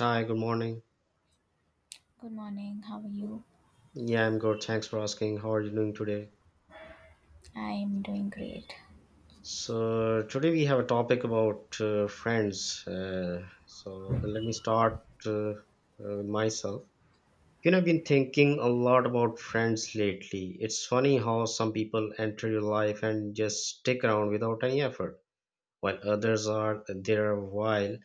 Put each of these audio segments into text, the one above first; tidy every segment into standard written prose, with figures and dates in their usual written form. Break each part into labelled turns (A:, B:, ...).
A: Hi, good morning.
B: Good morning. How are you?
A: Yeah, I'm good. Thanks for asking. How are you doing today?
B: I'm doing great.
A: So, today we have a topic about friends. Let me start myself. You know, I've been thinking a lot about friends lately. It's funny how some people enter your life and just stick around without any effort, while others are there a while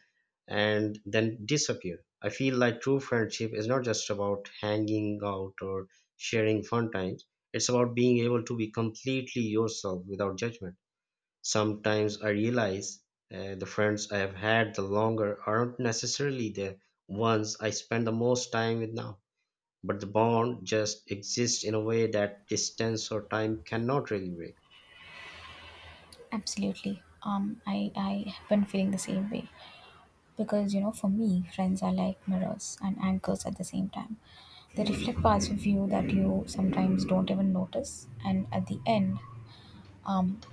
A: and then disappear. I feel like true friendship is not just about hanging out or sharing fun times, it's about being able to be completely yourself without judgment. Sometimes I realize the friends I have had the longer aren't necessarily the ones I spend the most time with now, but the bond just exists in a way that distance or time cannot really break.
B: Absolutely. I have been feeling the same way because you know, for me, friends are like mirrors and anchors at the same time. They reflect parts of you that you sometimes don't even notice, and at the end, um,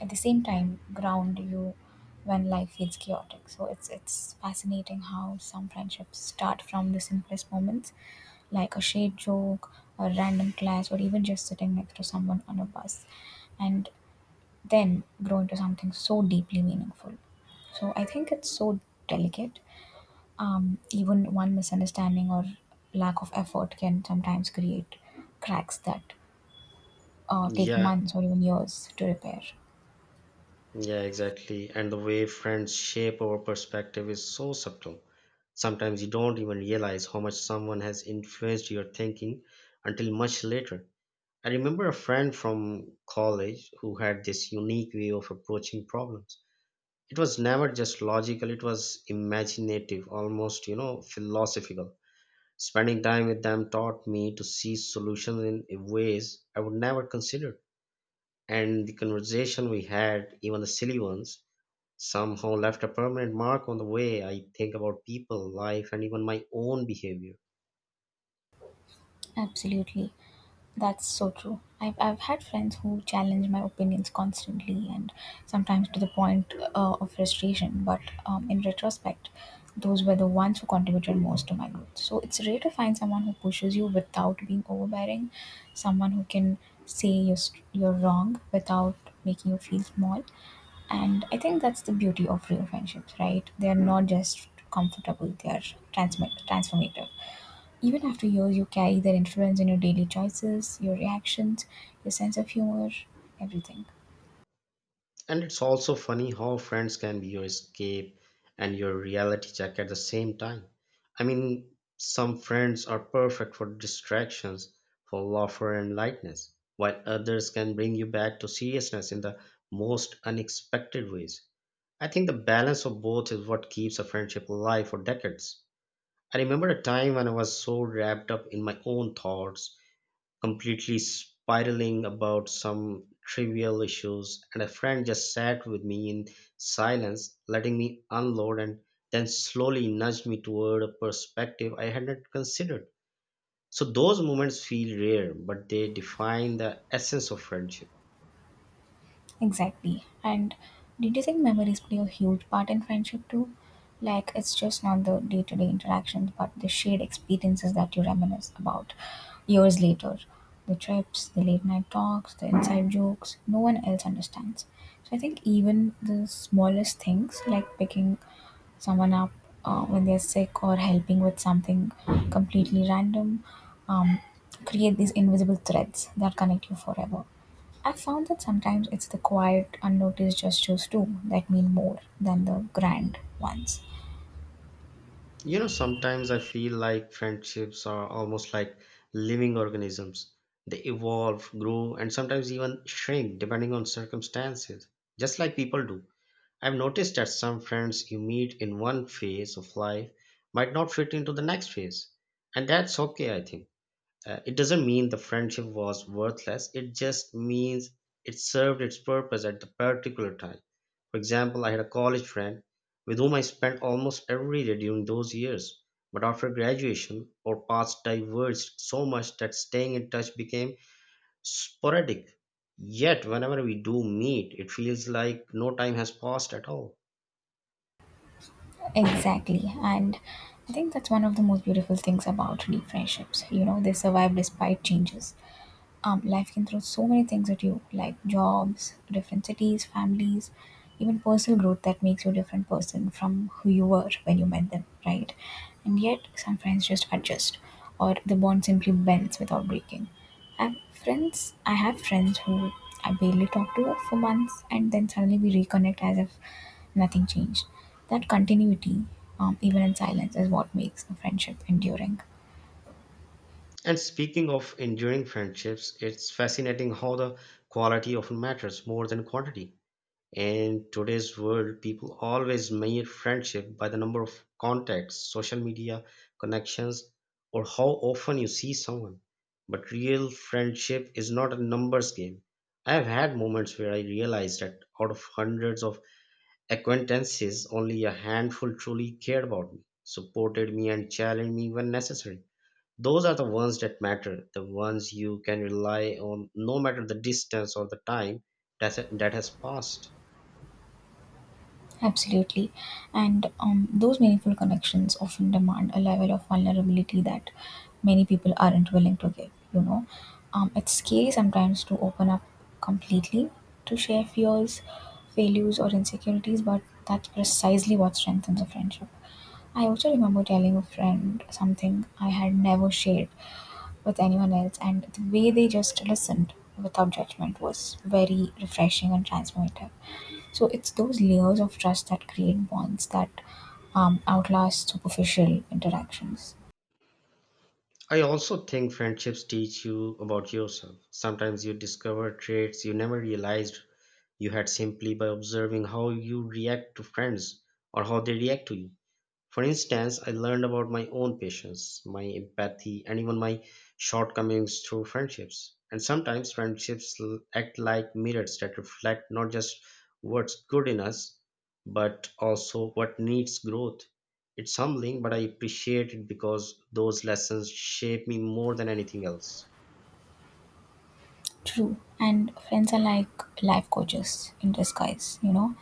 B: at the same time ground you when life feels chaotic. So it's fascinating how some friendships start from the simplest moments, like a shade joke, a random clash, or even just sitting next to someone on a bus, and then grow into something so deeply meaningful. So I think it's so delicate. Even one misunderstanding or lack of effort can sometimes create cracks that take
A: Yeah,
B: months or even years to repair.
A: Yeah, exactly. And the way friends shape our perspective is so subtle. Sometimes you don't even realize how much someone has influenced your thinking until much later. I remember a friend from college who had this unique way of approaching problems. It was never just logical, it was imaginative, almost, you know, philosophical. Spending time with them taught me to see solutions in ways I would never consider. And the conversation we had, even the silly ones, somehow left a permanent mark on the way I think about people, life, and even my own behavior.
B: Absolutely. That's so true. I've had friends who challenge my opinions constantly and sometimes to the point of frustration, but in retrospect, those were the ones who contributed most to my growth. So it's rare to find someone who pushes you without being overbearing, someone who can say you're wrong without making you feel small. And I think that's the beauty of real friendships, right? They're not just comfortable, they're transformative. Even after years, you carry their influence in your daily choices, your reactions, your sense of humor, everything.
A: And it's also funny how friends can be your escape and your reality check at the same time. I mean, some friends are perfect for distractions, for laughter and lightness, while others can bring you back to seriousness in the most unexpected ways. I think the balance of both is what keeps a friendship alive for decades. I remember a time when I was so wrapped up in my own thoughts completely spiraling about some trivial issues, and a friend just sat with me in silence, letting me unload and then slowly nudged me toward a perspective I had not considered. So those moments feel rare, but they define the essence of friendship.
B: Exactly. And did you think memories play a huge part in friendship too? Like, it's just not the day to day interactions, but the shared experiences that you reminisce about years later. The trips, the late night talks, the inside jokes, no one else understands. So I think even the smallest things, like picking someone up when they're sick or helping with something completely random, um, create these invisible threads that connect you forever. I've found that sometimes it's the quiet, unnoticed gestures too that mean more than the grand ones.
A: You know, sometimes I feel like friendships are almost like living organisms. They evolve, grow, and sometimes even shrink depending on circumstances, just like people do. I've noticed that some friends you meet in one phase of life might not fit into the next phase, and that's okay, I think. It doesn't mean the friendship was worthless, it just means it served its purpose at the particular time. For example, I had a college friend with whom I spent almost every day during those years, but after graduation, our paths diverged so much that staying in touch became sporadic. Yet, whenever we do meet, it feels like no time has passed at all.
B: Exactly. And I think that's one of the most beautiful things about deep friendships. You know, they survive despite changes. Life can throw so many things at you, like jobs, different cities, families, even personal growth that makes you a different person from who you were when you met them, right? And yet, some friends just adjust, or the bond simply bends without breaking. I've I have friends who I barely talk to for months, and then suddenly we reconnect as if nothing changed. That continuity, even in silence, is what makes a friendship enduring.
A: And speaking of enduring friendships, it's fascinating how the quality often matters more than quantity. In today's world, people always measure friendship by the number of contacts, social media connections, or how often you see someone. But real friendship is not a numbers game. I have had moments where I realized that out of hundreds of acquaintances, only a handful truly cared about me, supported me, and challenged me when necessary. Those are the ones that matter, the ones you can rely on no matter the distance or the time that has passed.
B: Absolutely. And those meaningful connections often demand a level of vulnerability that many people aren't willing to give, you know. It's scary sometimes to open up completely to share fears, failures, or insecurities, but that's precisely what strengthens a friendship. I also remember telling a friend something I had never shared with anyone else, and the way they just listened without judgment was very refreshing and transformative. So it's those layers of trust that create bonds that outlast superficial interactions.
A: I also think friendships teach you about yourself. Sometimes you discover traits you never realized you had simply by observing how you react to friends or how they react to you. For instance, I learned about my own patience, my empathy, and even my shortcomings through friendships. And sometimes friendships act like mirrors that reflect not just what's good in us, but also what needs growth. It's humbling, but I appreciate it because those lessons shape me more than anything else.
B: True, and friends are like life coaches in disguise, you know.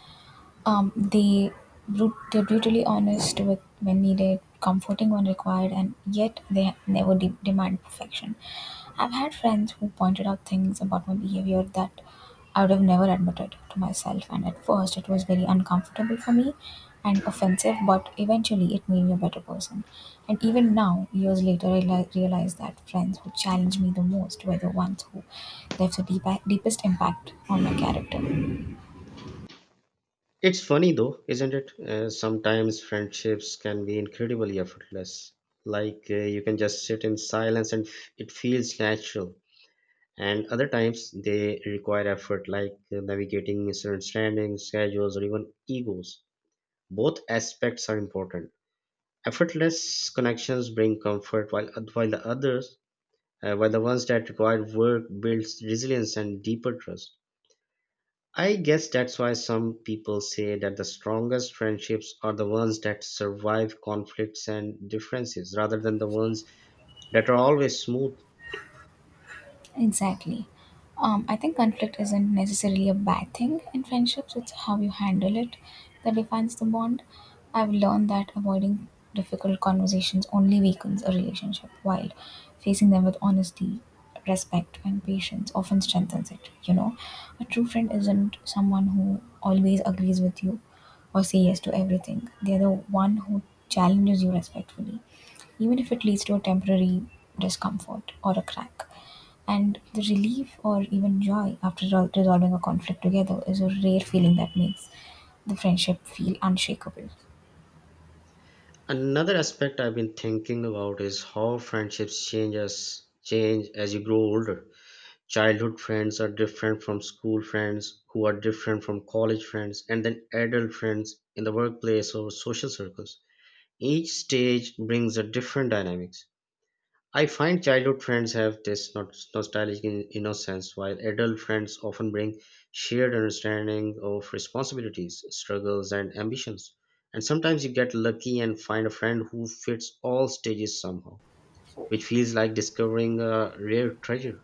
B: Um, they they're brutally honest with when needed, comforting when required, and yet they never demand perfection. I've had friends who pointed out things about my behavior that I would have never admitted to myself, and at first it was very uncomfortable for me and offensive, but eventually it made me a better person. And even now, years later, I realize that friends who challenged me the most were the ones who left the deepest impact on my character.
A: It's funny though, isn't it? Sometimes friendships can be incredibly effortless. Like you can just sit in silence and it feels natural, and other times they require effort, like navigating misunderstandings, schedules, or even egos. Both aspects are important. Effortless connections bring comfort, while the others while the ones that require work builds resilience and deeper trust. I guess that's why some people say that the strongest friendships are the ones that survive conflicts and differences rather than the ones that are always smooth.
B: Exactly. I think conflict isn't necessarily a bad thing in friendships, it's how you handle it that defines the bond. I've learned that avoiding difficult conversations only weakens a relationship, while facing them with honesty, respect, and patience often strengthens it. You know, a true friend isn't someone who always agrees with you or say yes to everything, they're the one who challenges you respectfully even if it leads to a temporary discomfort or a crack. And the relief or even joy after resolving a conflict together is a rare feeling that makes the friendship feel unshakable.
A: Another aspect I've been thinking about is how friendships change as you grow older. Childhood friends are different from school friends, who are different from college friends, and then adult friends in the workplace or social circles. Each stage brings a different dynamics. I find childhood friends have this nostalgic innocence, while adult friends often bring shared understanding of responsibilities, struggles, and ambitions. And sometimes you get lucky and find a friend who fits all stages somehow, which feels like discovering a rare treasure.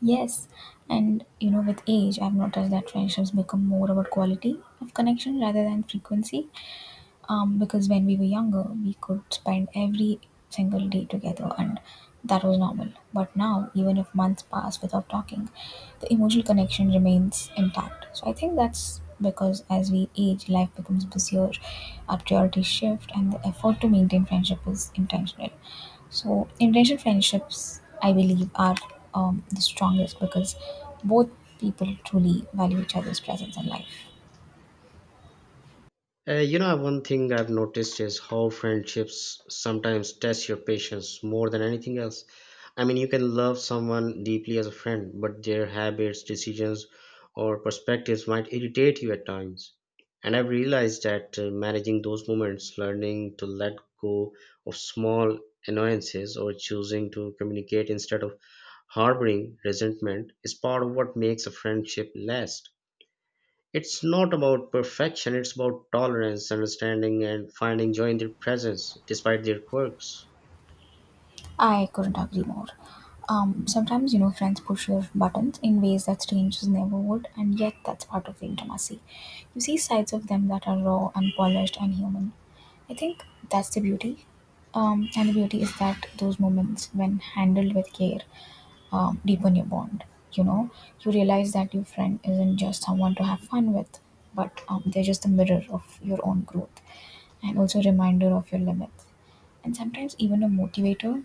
B: Yes, and you know, with age, I've noticed that friendships become more about quality of connection rather than frequency. Because when we were younger we could spend every single day together and that was normal but now even if months pass without talking the emotional connection remains intact so I think that's because as we age life becomes busier our priorities shift and the effort to maintain friendship is intentional so intentional friendships I believe are the strongest because both people truly value each other's presence in life.
A: You know, one thing I've noticed is how friendships sometimes test your patience more than anything else. I mean, you can love someone deeply as a friend, but their habits, decisions, or perspectives might irritate you at times. And I've realized that managing those moments, learning to let go of small annoyances, or choosing to communicate instead of harboring resentment is part of what makes a friendship last. It's not about perfection, it's about tolerance, understanding, and finding joy in their presence despite their quirks.
B: I couldn't agree more. Sometimes, you know, friends push your buttons in ways that strangers never would, and yet that's part of the intimacy. You see sides of them that are raw, unpolished, and human. I think that's the beauty. And the beauty is that those moments, when handled with care, deepen your bond. You know, you realize that your friend isn't just someone to have fun with, but they're just a mirror of your own growth and also a reminder of your limits and sometimes even a motivator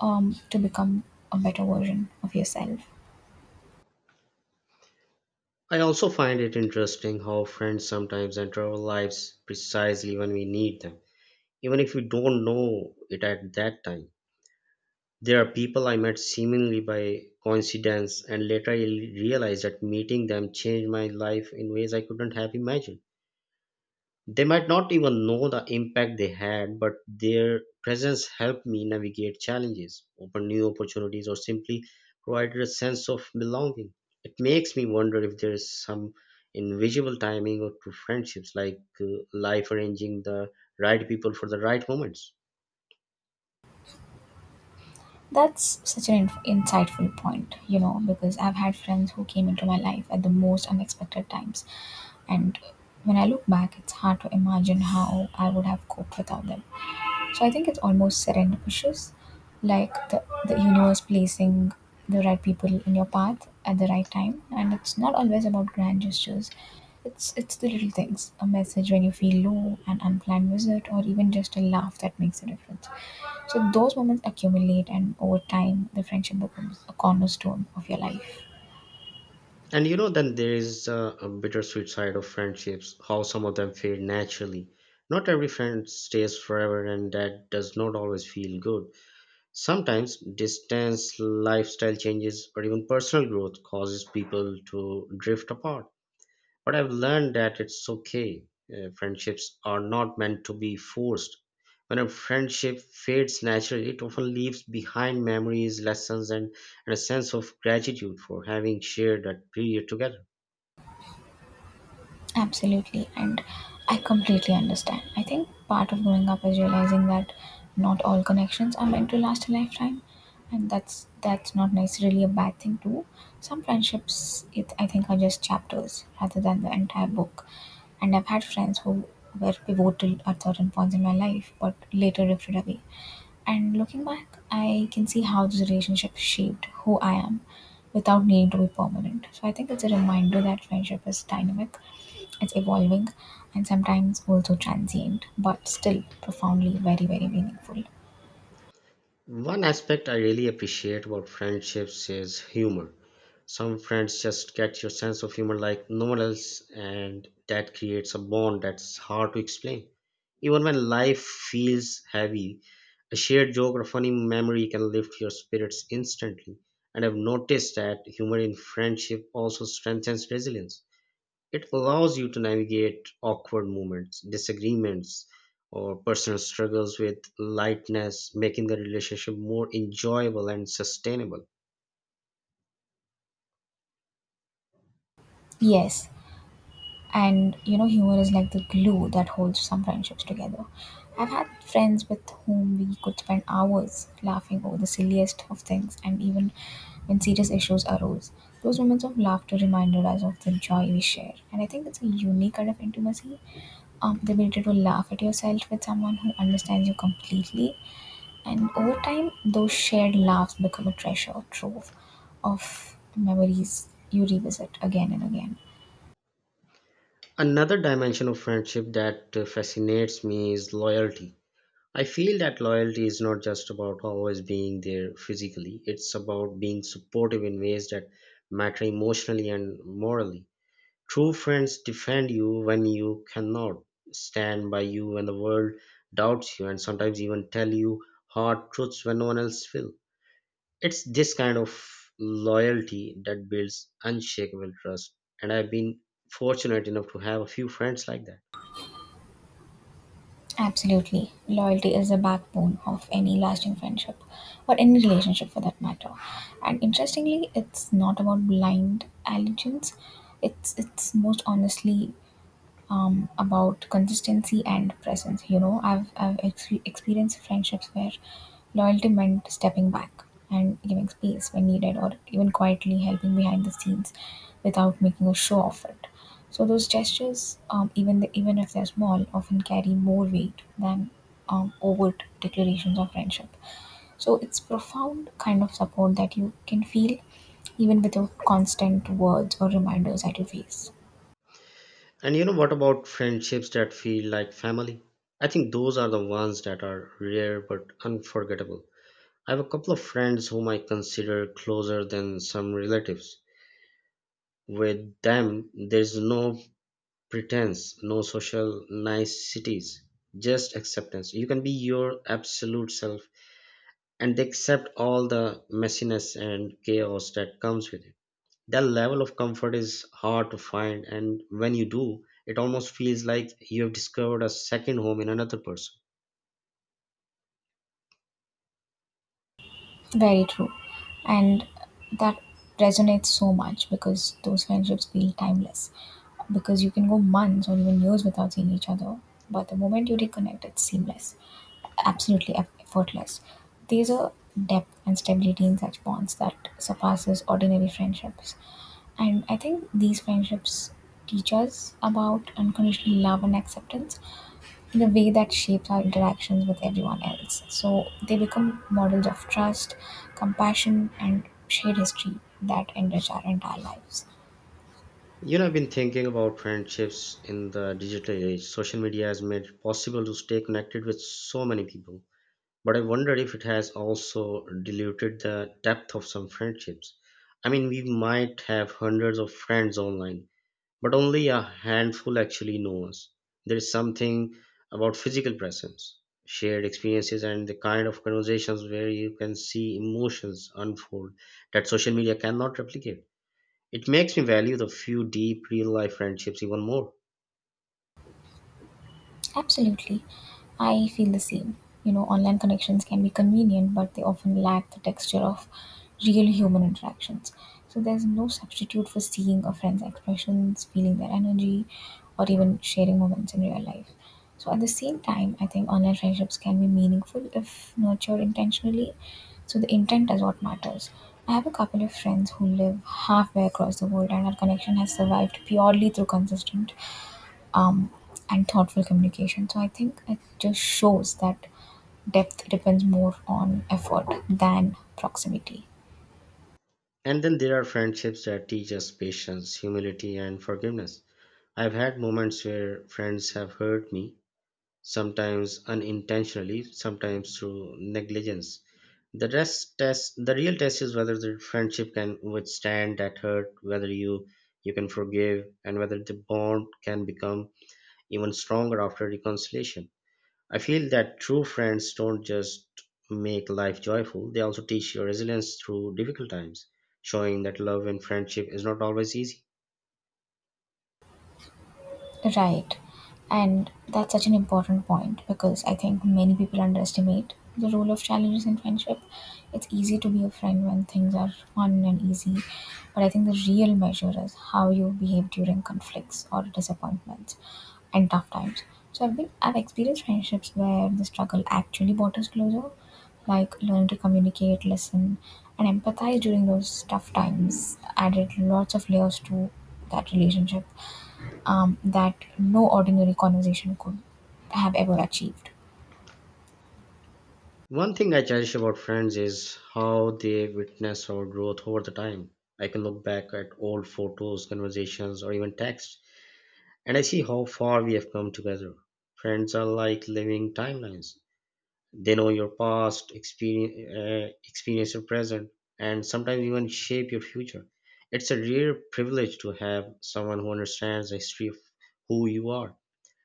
B: to become a better version of yourself.
A: I also find it interesting how friends sometimes enter our lives precisely when we need them, even if we don't know it at that time. There are people I met seemingly by coincidence, and later I realized that meeting them changed my life in ways I couldn't have imagined. They might not even know the impact they had, but their presence helped me navigate challenges, open new opportunities, or simply provided a sense of belonging. It makes me wonder if there is some invisible timing or to friendships, like life arranging the right people for the right moments.
B: That's such an insightful point, you know, because I've had friends who came into my life at the most unexpected times. And when I look back, it's hard to imagine how I would have coped without them. So I think it's almost serendipitous, like the universe placing the right people in your path at the right time. And it's not always about grand gestures, it's the little things. A message when you feel low, an unplanned visit, or even just a laugh that makes a difference. So those moments accumulate and over time the friendship becomes a cornerstone of your life.
A: And you know, then there is a bittersweet side of friendships, how some of them fade naturally. Not every friend stays forever, and that does not always feel good. Sometimes distance, lifestyle changes, or even personal growth causes people to drift apart. But I've learned that it's okay. Friendships are not meant to be forced. When a friendship fades naturally, it often leaves behind memories, lessons, and a sense of gratitude for having shared that period together.
B: Absolutely, and I completely understand. I think part of growing up is realizing that not all connections are meant to last a lifetime, and that's not necessarily a bad thing too. Some friendships, it I think, are just chapters rather than the entire book. And I've had friends who were pivotal at certain points in my life, but later drifted away. And looking back, I can see how this relationship shaped who I am without needing to be permanent. So I think it's a reminder that friendship is dynamic, it's evolving, and sometimes also transient, but still profoundly very, very meaningful.
A: One aspect I really appreciate about friendships is humor. Some friends just get your sense of humor like no one else, and that creates a bond that's hard to explain. Even when life feels heavy, a shared joke or funny memory can lift your spirits instantly. And I've noticed that humor in friendship also strengthens resilience. It allows you to navigate awkward moments, disagreements, or personal struggles with lightness, making the relationship more enjoyable and sustainable.
B: Yes, and you know humor is like the glue that holds some friendships together. I've had friends with whom we could spend hours laughing over the silliest of things and even when serious issues arose those moments of laughter reminded us of the joy we share and I think it's a unique kind of intimacy, the ability to laugh at yourself with someone who understands you completely and over time those shared laughs become a treasure trove of memories you revisit again and again.
A: Another dimension of friendship that fascinates me is loyalty. I feel that loyalty is not just about always being there physically, it's about being supportive in ways that matter emotionally and morally. True friends defend you when you cannot, stand by you when the world doubts you, and sometimes even tell you hard truths when no one else will. It's this kind of loyalty that builds unshakable trust. And I've been fortunate enough to have a few friends like that.
B: Absolutely. Loyalty is the backbone of any lasting friendship or any relationship for that matter. And interestingly, it's not about blind allegiance. It's most honestly about consistency and presence. You know, I've experienced friendships where loyalty meant stepping back and giving space when needed, or even quietly helping behind the scenes without making a show of it. So those gestures, even if they're small, often carry more weight than overt declarations of friendship. So it's profound kind of support that you can feel even without constant words or reminders at your face.
A: And you know what about friendships that feel like family? I think those are the ones that are rare but unforgettable. I have a couple of friends whom I consider closer than some relatives. With them, there's no pretense, no social niceties, just acceptance. You can be your absolute self, and they accept all the messiness and chaos that comes with it. That level of comfort is hard to find, and when you do, it almost feels like you have discovered a second home in another person.
B: Very true. And that resonates so much because those friendships feel timeless. Because you can go months or even years without seeing each other, but the moment you reconnect, it's seamless, absolutely effortless. There's a depth and stability in such bonds that surpasses ordinary friendships. And I think these friendships teach us about unconditional love and acceptance in a way that shapes our interactions with everyone else. So they become models of trust, compassion, and shared history that enrich our entire lives.
A: You know, I've been thinking about friendships in the digital age. Social media has made it possible to stay connected with so many people. But I wonder if it has also diluted the depth of some friendships. I mean, we might have hundreds of friends online, but only a handful actually know us. There is something about physical presence, shared experiences, and the kind of conversations where you can see emotions unfold that social media cannot replicate. It makes me value the few deep real life friendships even more.
B: Absolutely. I feel the same. You know, online connections can be convenient, but they often lack the texture of real human interactions. So there's no substitute for seeing a friend's expressions, feeling their energy, or even sharing moments in real life. So at the same time, I think online friendships can be meaningful if nurtured intentionally. So the intent is what matters. I have a couple of friends who live halfway across the world, and our connection has survived purely through consistent um, and thoughtful communication. So I think it just shows that depth depends more on effort than proximity.
A: And then there are friendships that teach us patience, humility, and forgiveness. I've had moments where friends have hurt me, sometimes unintentionally, sometimes through negligence. The real test is whether the friendship can withstand that hurt, whether you can forgive, and whether the bond can become even stronger after reconciliation. I feel that true friends don't just make life joyful, they also teach you resilience through difficult times, showing that love and friendship is not always easy.
B: Right. And that's such an important point because I think many people underestimate the role of challenges in friendship. It's easy to be a friend when things are fun and easy, but I think the real measure is how you behave during conflicts or disappointments and tough times. So I've experienced friendships where the struggle actually brought us closer, like learn to communicate, listen, and empathize during those tough times. Added lots of layers to that relationship that no ordinary conversation could have ever achieved.
A: One thing I cherish about friends is how they witness our growth over the time. I can look back at old photos, conversations, or even texts, and I see how far we have come together. Friends are like living timelines. They know your past experience, experience your present, and sometimes even shape your future. It's a rare privilege to have someone who understands the history of who you are,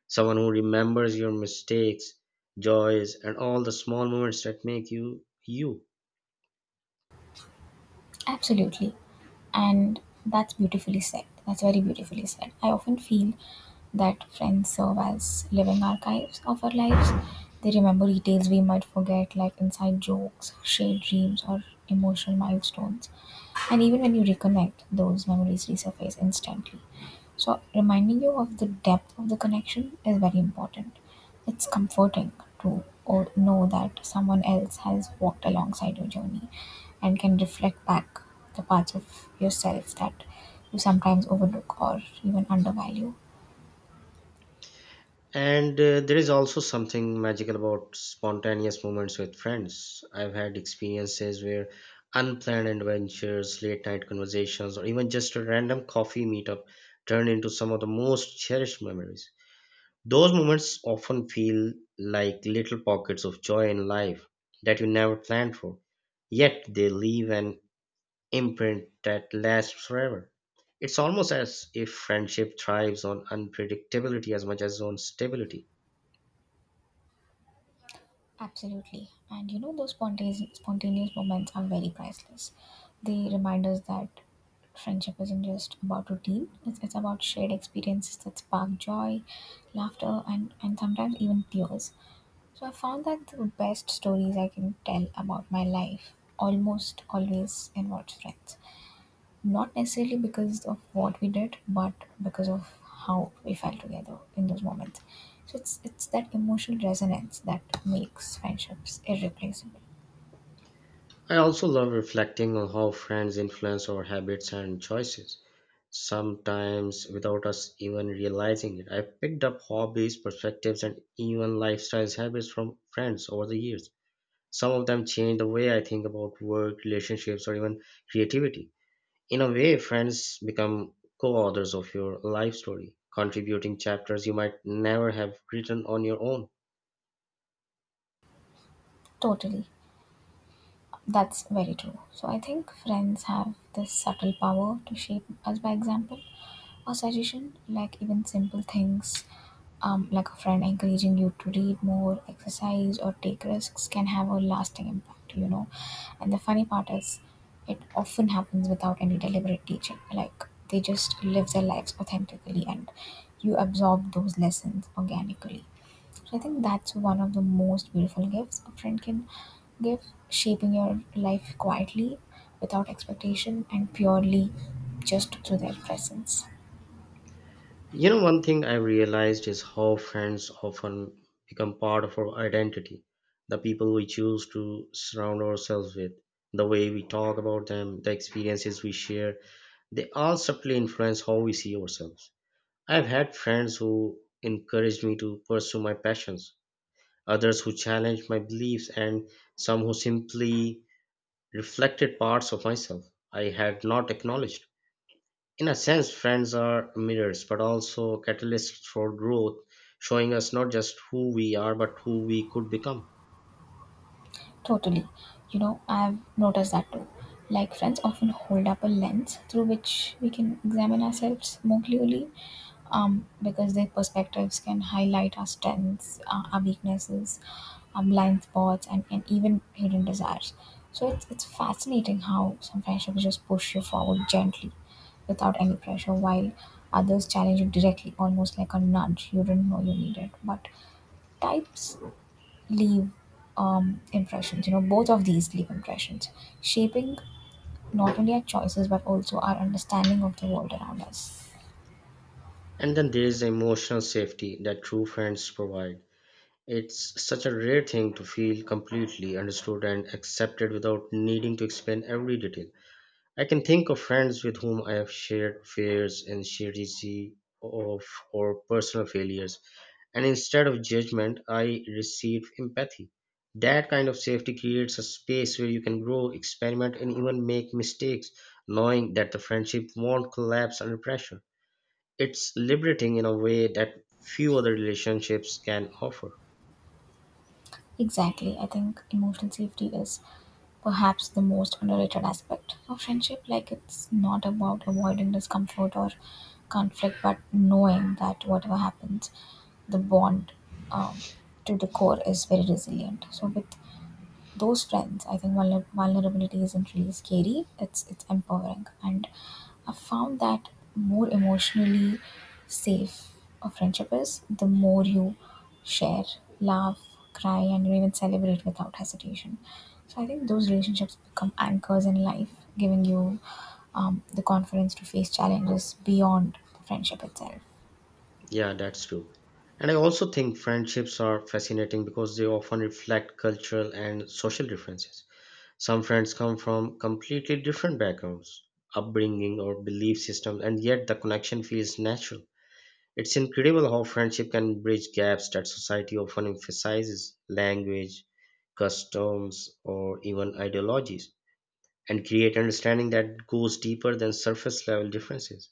A: someone who remembers your mistakes, joys, and all the small moments that make you you.
B: Absolutely. And that's beautifully said. That's very beautifully said. I often feel that friends serve as living archives of our lives. They remember details we might forget, like inside jokes, shared dreams, or emotional milestones. And even when you reconnect, those memories resurface instantly. So, reminding you of the depth of the connection is very important. It's comforting to or know that someone else has walked alongside your journey and can reflect back the parts of yourself that you sometimes overlook or even undervalue.
A: And there is also something magical about spontaneous moments with friends. I've had experiences where unplanned adventures, late night conversations, or even just a random coffee meetup turn into some of the most cherished memories. Those moments often feel like little pockets of joy in life that you never planned for, yet they leave an imprint that lasts forever. It's almost as if friendship thrives on unpredictability as much as on stability.
B: Absolutely. And those spontaneous moments are very priceless. They remind us that friendship isn't just about routine, it's about shared experiences that spark joy, laughter, and sometimes even tears. So I found that the best stories I can tell about my life almost always involves friends. Not necessarily because of what we did, but because of how we felt together in those moments. So it's that emotional resonance that makes friendships irreplaceable.
A: I also love reflecting on how friends influence our habits and choices, sometimes without us even realizing it. I picked up hobbies, perspectives, and even lifestyle habits from friends over the years. Some of them change the way I think about work, relationships, or even creativity. In a way, friends become co authors of your life story, contributing chapters you might never have written on your own.
B: Totally. That's very true. So I think friends have this subtle power to shape us by example or suggestion, like even simple things, like a friend encouraging you to read more, exercise, or take risks can have a lasting impact. And the funny part is, it often happens without any deliberate teaching. Like they just live their lives authentically, and you absorb those lessons organically. So I think that's one of the most beautiful gifts a friend can give, shaping your life quietly, without expectation, and purely just through their presence.
A: You know, one thing I realized is how friends often become part of our identity, the people we choose to surround ourselves with, the way we talk about them, the experiences we share, they all subtly influence how we see ourselves. I've had friends who encouraged me to pursue my passions, others who challenged my beliefs, and some who simply reflected parts of myself I had not acknowledged. In a sense, friends are mirrors, but also catalysts for growth, showing us not just who we are, but who we could become.
B: Totally. You know, I've noticed that too. Like, friends often hold up a lens through which we can examine ourselves more clearly because their perspectives can highlight our strengths, our weaknesses, our blind spots, and even hidden desires. So, it's fascinating how some friendships just push you forward gently without any pressure, while others challenge you directly, almost like a nudge you didn't know you needed. But types leave impressions. You know, both of these leave impressions, shaping not only our choices but also our understanding of the world around us.
A: And then there is emotional safety that true friends provide. It's such a rare thing to feel completely understood and accepted without needing to explain every detail. I can think of friends with whom I have shared fears and shared easy of or personal failures, and instead of judgment, I receive empathy. That kind of safety creates a space where you can grow, experiment, and even make mistakes, knowing that the friendship won't collapse under pressure. It's liberating in a way that few other relationships can offer.
B: Exactly, I think emotional safety is perhaps the most underrated aspect of friendship. Like, it's not about avoiding discomfort or conflict, but knowing that whatever happens, the bond um, to the core is very resilient. So, with those strengths I think vulnerability isn't really scary, it's empowering. And I've found that more emotionally safe a friendship is, the more you share, laugh, cry, and even celebrate without hesitation. So I think those relationships become anchors in life, giving you the confidence to face challenges beyond the friendship itself.
A: Yeah, that's true. And I also think friendships are fascinating because they often reflect cultural and social differences. Some friends come from completely different backgrounds, upbringing, or belief systems, and yet the connection feels natural. It's incredible how friendship can bridge gaps that society often emphasizes language, customs, or even ideologies, and create understanding that goes deeper than surface level differences.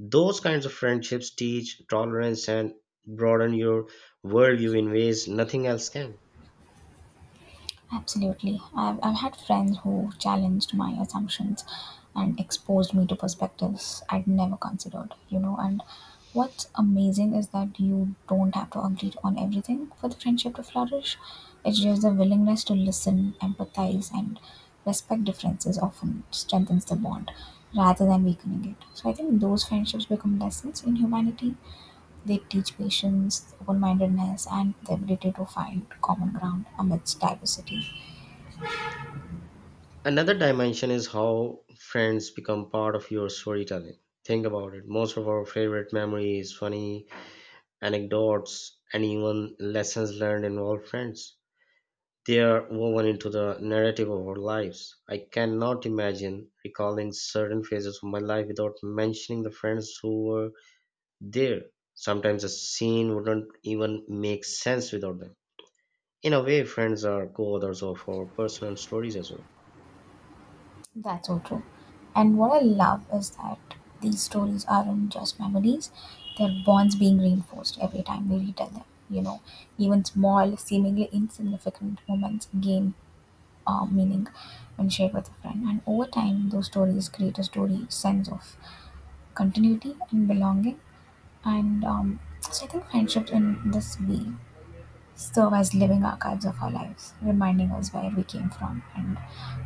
A: Those kinds of friendships teach tolerance and broaden your worldview in ways nothing else can.
B: Absolutely. I've had friends who challenged my assumptions and exposed me to perspectives I'd never considered. And what's amazing is that you don't have to agree on everything for the friendship to flourish. It's just the willingness to listen, empathize, and respect differences often strengthens the bond rather than weakening it. So I think those friendships become lessons in humanity. They teach patience, open-mindedness, and the ability to find common ground amidst diversity.
A: Another dimension is how friends become part of your storytelling. Think about it. Most of our favorite memories, funny anecdotes, and even lessons learned involve friends. They are woven into the narrative of our lives. I cannot imagine recalling certain phases of my life without mentioning the friends who were there. Sometimes a scene wouldn't even make sense without them. In a way, friends are co authors of our personal stories as well.
B: That's so true. And what I love is that these stories aren't just memories, they're bonds being reinforced every time we retell them. You know, even small, seemingly insignificant moments gain meaning when shared with a friend. And over time, those stories create a story sense of continuity and belonging. And so I think friendships in this way serve as living archives of our lives, reminding us where we came from and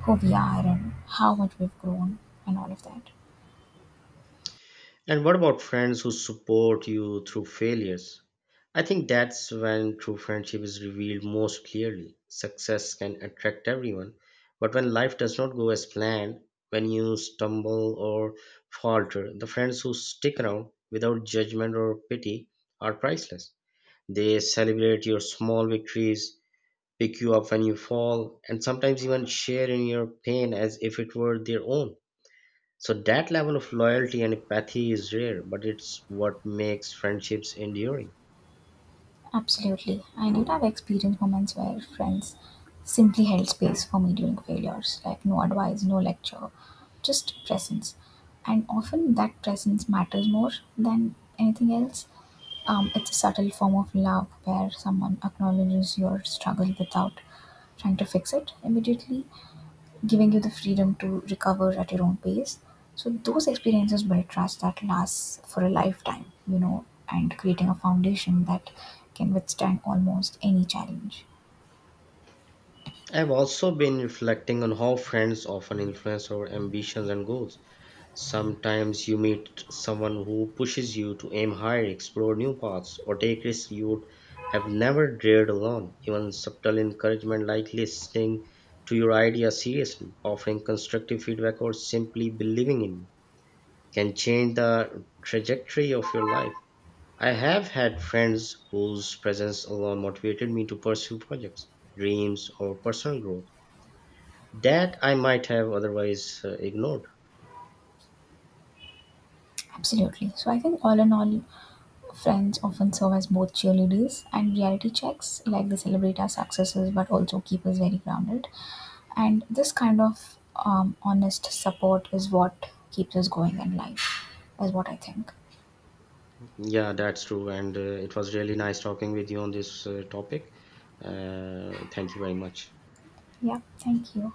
B: who we are and how much we've grown and all of that.
A: And what about friends who support you through failures? I think that's when true friendship is revealed most clearly. Success can attract everyone, but when life does not go as planned, when you stumble or falter, the friends who stick around without judgment or pity are priceless. They celebrate your small victories, pick you up when you fall, and sometimes even share in your pain as if it were their own. So that level of loyalty and empathy is rare, but it's what makes friendships enduring.
B: Absolutely. I did have experience moments where friends simply held space for me during failures, like no advice, no lecture, just presence. And often that presence matters more than anything else. It's a subtle form of love where someone acknowledges your struggle without trying to fix it immediately, giving you the freedom to recover at your own pace. So those experiences build trust that lasts for a lifetime, and creating a foundation that can withstand almost any challenge.
A: I've also been reflecting on how friends often influence our ambitions and goals. Sometimes you meet someone who pushes you to aim higher, explore new paths, or take risks you would have never dared alone. Even subtle encouragement like listening to your ideas seriously, offering constructive feedback, or simply believing in you can change the trajectory of your life. I have had friends whose presence alone motivated me to pursue projects, dreams, or personal growth that I might have otherwise ignored.
B: Absolutely. So I think all in all, friends often serve as both cheerleaders and reality checks, like they celebrate our successes but also keep us very grounded. And this kind of honest support is what keeps us going in life, is what I think.
A: Yeah, that's true. And it was really nice talking with you on this topic. Thank you very much.
B: Yeah, thank you.